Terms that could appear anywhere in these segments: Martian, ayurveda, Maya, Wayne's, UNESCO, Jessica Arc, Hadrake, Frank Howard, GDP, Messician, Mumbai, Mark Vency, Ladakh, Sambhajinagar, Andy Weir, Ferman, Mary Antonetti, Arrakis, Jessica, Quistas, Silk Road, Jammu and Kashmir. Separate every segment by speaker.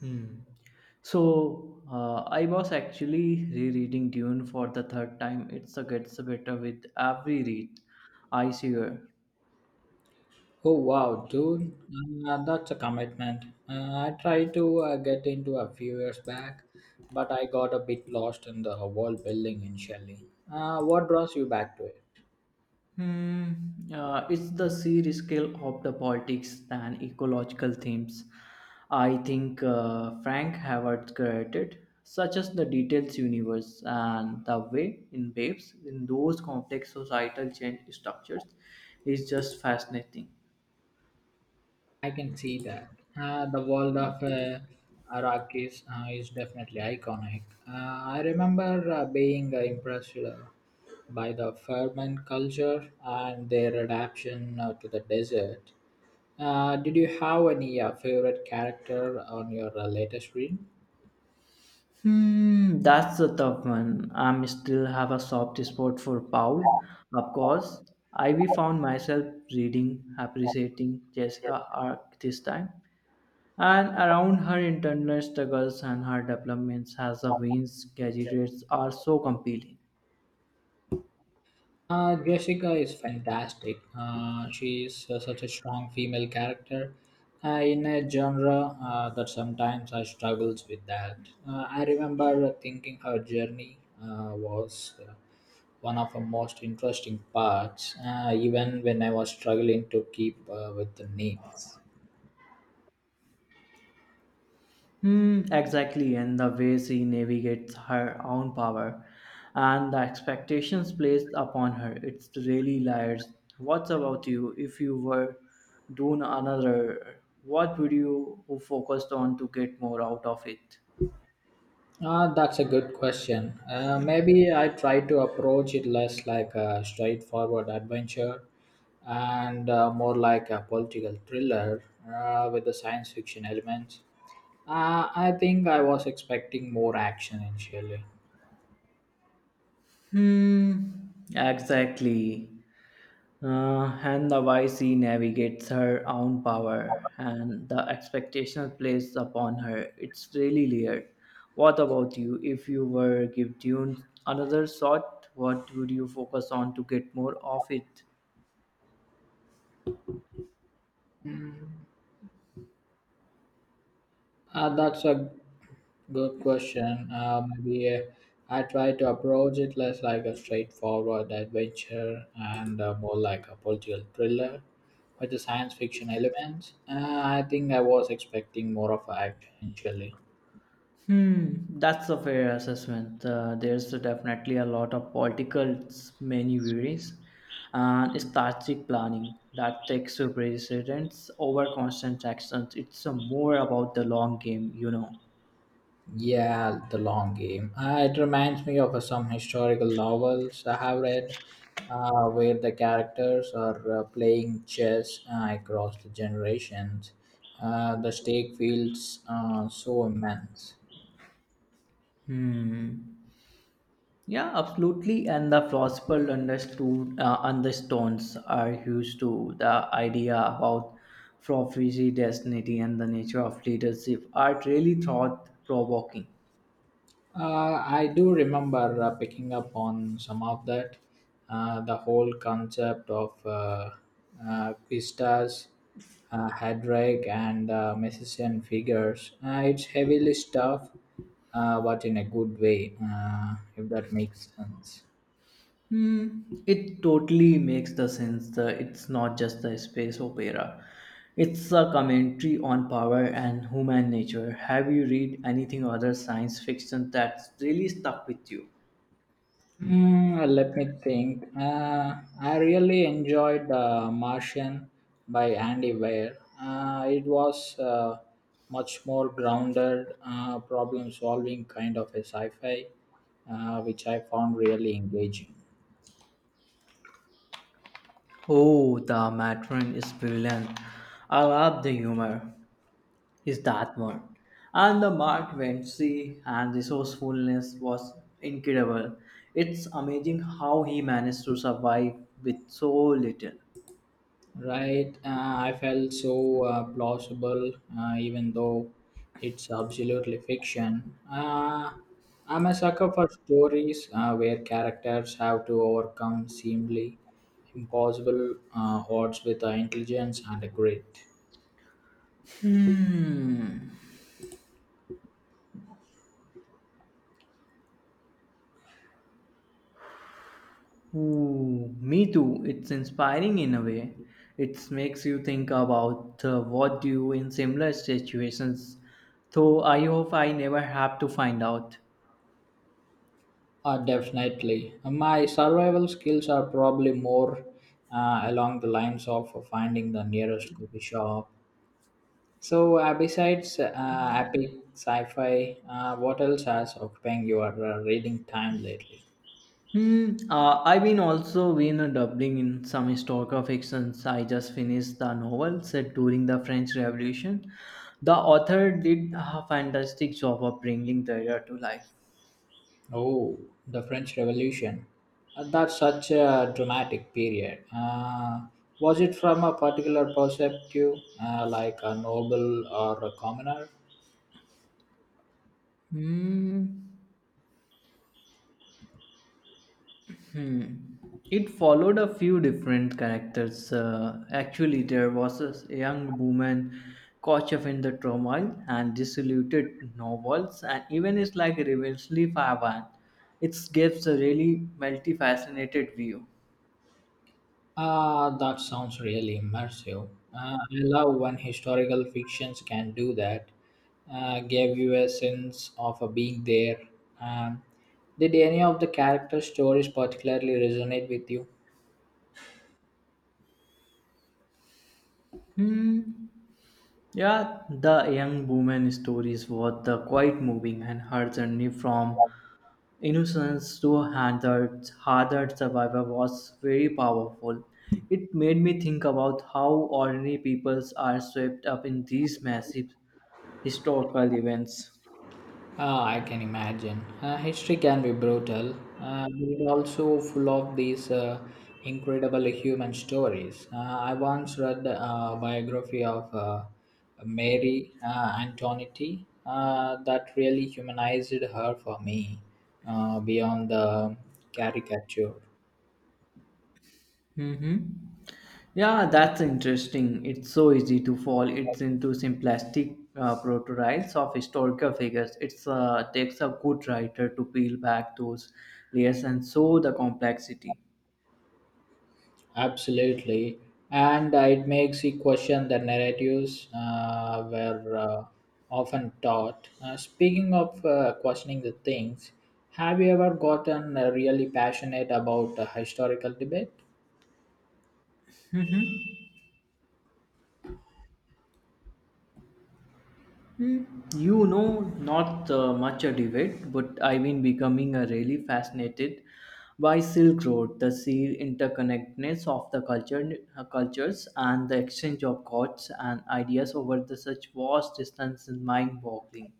Speaker 1: Hmm. So I was actually rereading Dune for the third time. It gets better with every read. I swear.
Speaker 2: Oh wow, dude, that's a commitment. I tried to get into a few years back, but I got a bit lost in the world building initially. What draws you back to it?
Speaker 1: Hmm. It's the serious scale of the politics and ecological themes. I think Frank Howard created, such as the details universe and the way in waves in those complex societal change structures, is just fascinating.
Speaker 2: I can see that. The world of Arrakis is definitely iconic. I remember being impressed by the Ferman culture and their adaptation to the desert. Did you have any favorite character on your latest read?
Speaker 1: Hmm, that's a tough one. I'm still have a soft spot for Paul. Of course, I we found myself reading, appreciating Jessica Arc this time, and around her internal struggles and her developments as the Wayne's graduates are so compelling.
Speaker 2: Jessica is fantastic. She is such a strong female character in a genre that sometimes I struggles with that. I remember thinking her journey was one of the most interesting parts, even when I was struggling to keep with the names.
Speaker 1: Hmm, exactly, and the way she navigates her own power and the expectations placed upon her, it's really liars. What about you? If you were doing another, what would you focused on to get more out of it?
Speaker 2: Ah, that's a good question. Maybe I try to approach it less like a straightforward adventure and more like a political thriller with the science fiction elements. I think I was expecting more action initially.
Speaker 1: Hmm, exactly. And the wise she navigates her own power and the expectation placed upon her. It's really layered. What about you? If you were give Dune another shot, what would you focus on to get more of it?
Speaker 2: Mm. That's a good question. Maybe I try to approach it less like a straightforward adventure and more like a political thriller with the science fiction elements. I think I was expecting more of action initially.
Speaker 1: Hmm, that's a fair assessment. There's definitely a lot of political maneuvers and strategic planning that takes precedence over constant actions. It's more about the long game.
Speaker 2: Yeah, the long game. It reminds me of some historical novels I have read where the characters are playing chess across the generations. The stake feels so immense.
Speaker 1: Hmm. Yeah, absolutely. And the philosopher understood undertones are used to the idea about prophecy, destiny, and the nature of leadership are really thought provoking.
Speaker 2: I do remember picking up on some of that. The whole concept of Quistas, Hadrake, and Messician figures. It's heavily stuff, but in a good way, if that makes sense.
Speaker 1: Hmm. It totally makes the sense that it's not just a space opera. It's a commentary on power and human nature. Have you read anything other science fiction that's really stuck with you?
Speaker 2: Mm, let me think. I really enjoyed Martian by Andy Weir. It was much more grounded, problem solving kind of a sci fi, which I found really engaging.
Speaker 1: Oh, the matron is brilliant. I love the humor. Is that one? And the Mark Vency and resourcefulness was incredible. It's amazing how he managed to survive with so little.
Speaker 2: Right, I felt so plausible, even though it's absolutely fiction. I'm a sucker for stories where characters have to overcome seemingly impossible odds with intelligence and a grit.
Speaker 1: Hmm. Ooh, me too. It's inspiring in a way. It makes you think about what do you in similar situations. Though I hope I never have to find out.
Speaker 2: Definitely. My survival skills are probably more along the lines of finding the nearest coffee shop. So, besides epic sci-fi, what else has occupying your reading time lately?
Speaker 1: Hmm. I've been also been dabbling in some historical fictions. I just finished the novel set during the French Revolution. The author did a fantastic job of bringing the era to life.
Speaker 2: Oh, the French Revolution. That's such a dramatic period. Was it from a particular perspective, like a noble or a commoner?
Speaker 1: Hmm. Hmm. It followed a few different characters. Actually, there was a young woman caught up in the turmoil and disillusioned novels, and even it's like a reversely Favan. It gives a really multifaceted view.
Speaker 2: Ah, that sounds really immersive. I love when historical fictions can do that. Gave you a sense of being there. Um, did any of the character stories particularly resonate with you?
Speaker 1: Hmm. Yeah, the young woman stories were the quite moving, and her journey from innocence to hardened survivor was very powerful. It made me think about how ordinary peoples are swept up in these massive historical events.
Speaker 2: Ah, I can imagine. History can be brutal, but it also full of these incredible human stories. I once read a biography of Mary Antonetti that really humanized her for me beyond the caricature.
Speaker 1: Mm-hmm. Yeah, that's interesting. It's so easy to fall. It's into simplistic portrayals of historical figures. It's takes a good writer to peel back those layers and show the complexity.
Speaker 2: Absolutely. And it makes you question the narratives were often taught. Speaking of questioning the things, have you ever gotten really passionate about a historical debate?
Speaker 1: Hmm. You know, not much a debate, but I've been becoming really fascinated by Silk Road, the sheer interconnectedness of the cultures and the exchange of thoughts and ideas over the such vast distance is mind-boggling.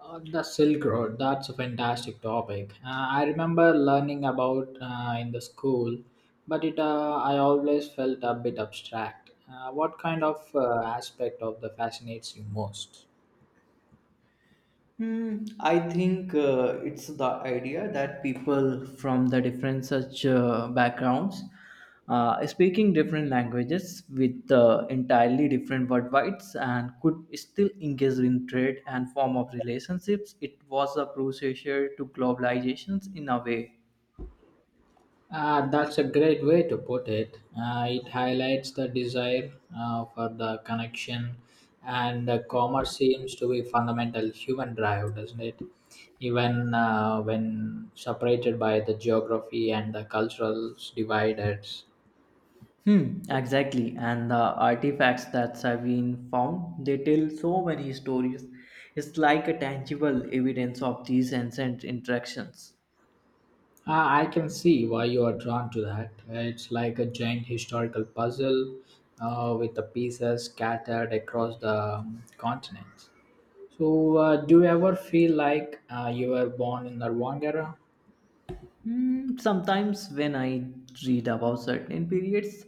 Speaker 2: The Silk Road, that's a fantastic topic. I remember learning about in the school, but it I always felt a bit abstract. What kind of aspect of the fascinates you most?
Speaker 1: Hmm, I think it's the idea that people from the different such backgrounds speaking different languages with entirely different worldwides and could still engage in trade and form of relationships. It was a precursor to globalizations in a way.
Speaker 2: That's a great way to put it. It highlights the desire for the connection, and commerce seems to be fundamental human drive, doesn't it? Even when separated by the geography and the cultural dividers,
Speaker 1: Hmm, exactly. And the artifacts that have been found, they tell so many stories. It's like a tangible evidence of these ancient interactions.
Speaker 2: I can see why you are drawn to that. It's like a giant historical puzzle with the pieces scattered across the continent. So, do you ever feel like you were born in the wrong era?
Speaker 1: Hmm, sometimes when I read about certain periods,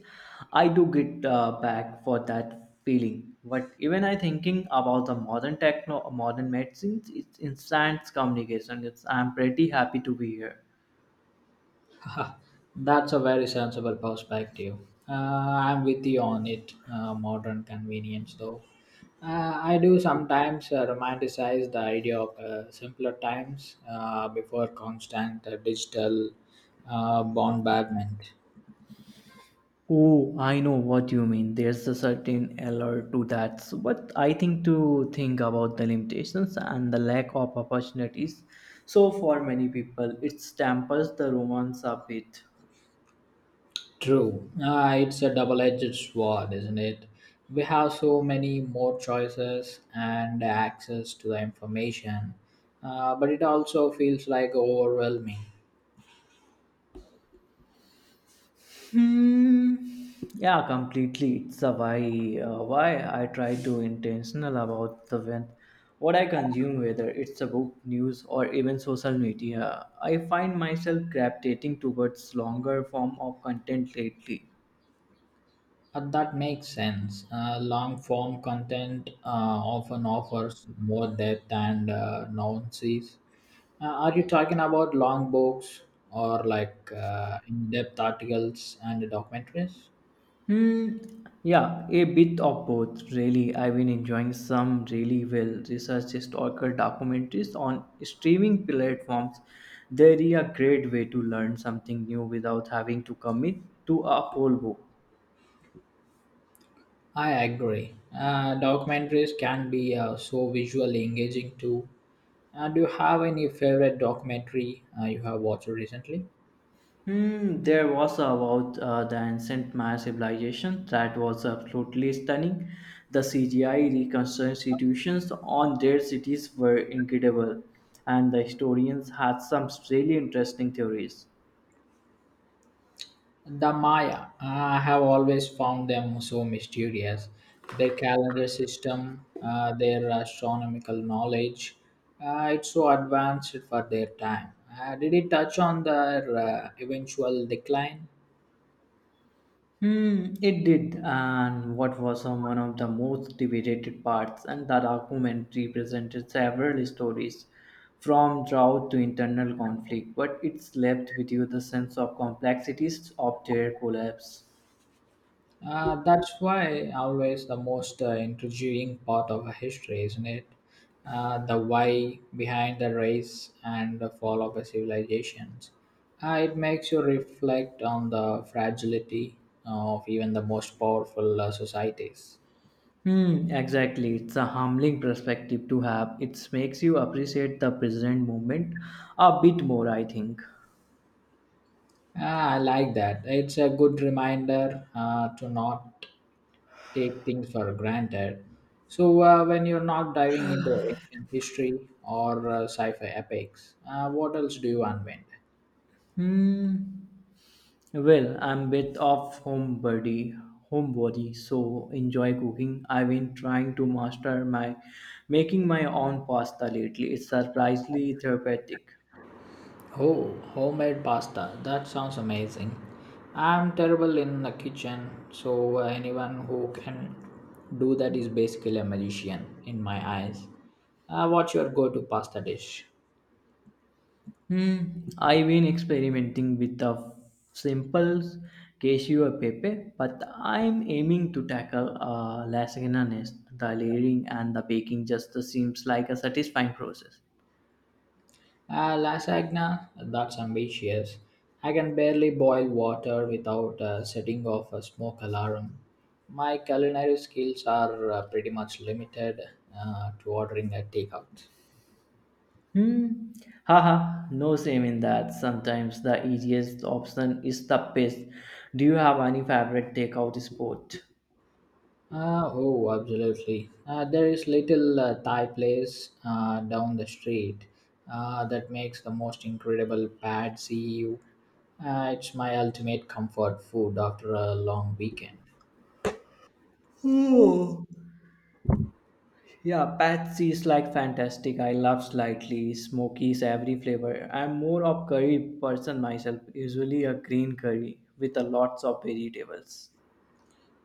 Speaker 1: I do get back for that feeling. But even I thinking about the modern techno, modern medicines, it's instant communication. It's I'm pretty happy to be here.
Speaker 2: That's a very sensible perspective. I'm with you on it. Modern convenience, though. I do sometimes romanticize the idea of simpler times before constant digital bombardment.
Speaker 1: Oh, I know what you mean. There's a certain allure to that. So, but I think to think about the limitations and the lack of opportunities. So for many people, it dampers the romance a bit.
Speaker 2: True. It's a double edged sword, isn't it? We have so many more choices and access to the information, but it also feels like overwhelming.
Speaker 1: Hmm. Yeah, completely. It's a why. Why I try to intentional about the when, what I consume, whether it's a book, news, or even social media. I find myself gravitating towards longer form of content lately.
Speaker 2: That makes sense. Long form content often offers more depth and nuances. Are you talking about long books or like in depth articles and documentaries?
Speaker 1: Hmm. Yeah, a bit of both, really. I've been enjoying some really well researched historical documentaries on streaming platforms. They're a great way to learn something new without having to commit to a whole book.
Speaker 2: I agree. Documentaries can be so visually engaging too. Do you have any favorite documentary you have watched recently?
Speaker 1: Hmm, there was about the ancient Maya civilization that was absolutely stunning. The CGI reconstitutions on their cities were incredible, and the historians had some really interesting theories.
Speaker 2: The Maya. I have always found them so mysterious. Their calendar system, their astronomical knowledge, it's so advanced for their time. Did it touch on their eventual decline?
Speaker 1: Hmm, it did, and what was one of the most debated parts, and that documentary presented several stories from drought to internal conflict, but it's left with you the sense of complexities of their collapse.
Speaker 2: That's why always the most intriguing part of a history, isn't it? The why behind the race and the fall of a civilizations. It makes you reflect on the fragility of even the most powerful societies.
Speaker 1: Hmm, exactly. It's a humbling perspective to have. It makes you appreciate the present moment a bit more, I think.
Speaker 2: Ah, I like that. It's a good reminder to not take things for granted. So, when you're not diving into ancient history or sci fi epics, what else do you unwind?
Speaker 1: Hmm. Well, I'm bit of homebody, so enjoy cooking. I've been trying to master my making my own pasta lately. It's surprisingly therapeutic.
Speaker 2: Oh, homemade pasta. That sounds amazing. I'm terrible in the kitchen, so anyone who can do that is basically a magician in my eyes. What's your go to pasta dish?
Speaker 1: Hmm, I've been experimenting with the simple cashew or pepe, but I'm aiming to tackle lasagna next. The layering and the baking just seems like a satisfying process.
Speaker 2: Lasagna, that's ambitious. I can barely boil water without setting off a smoke alarm. My culinary skills are pretty much limited to ordering a takeout.
Speaker 1: Hmm. Haha, no shame in that. Sometimes the easiest option is the best. Do you have any favorite takeout sport?
Speaker 2: Oh, absolutely. There is little Thai place down the street that makes the most incredible pad see ew. It's my ultimate comfort food after a long weekend.
Speaker 1: Oh. Yeah, Patsy is like fantastic. I love slightly smoky, savory flavor. I'm more of curry person myself. Usually a green curry with a lots of vegetables.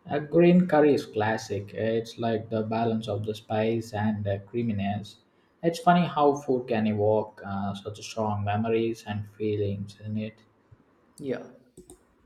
Speaker 2: A green curry is classic. It's like the balance of the spice and the creaminess. It's funny how food can evoke such strong memories and feelings, isn't it?
Speaker 1: Yeah.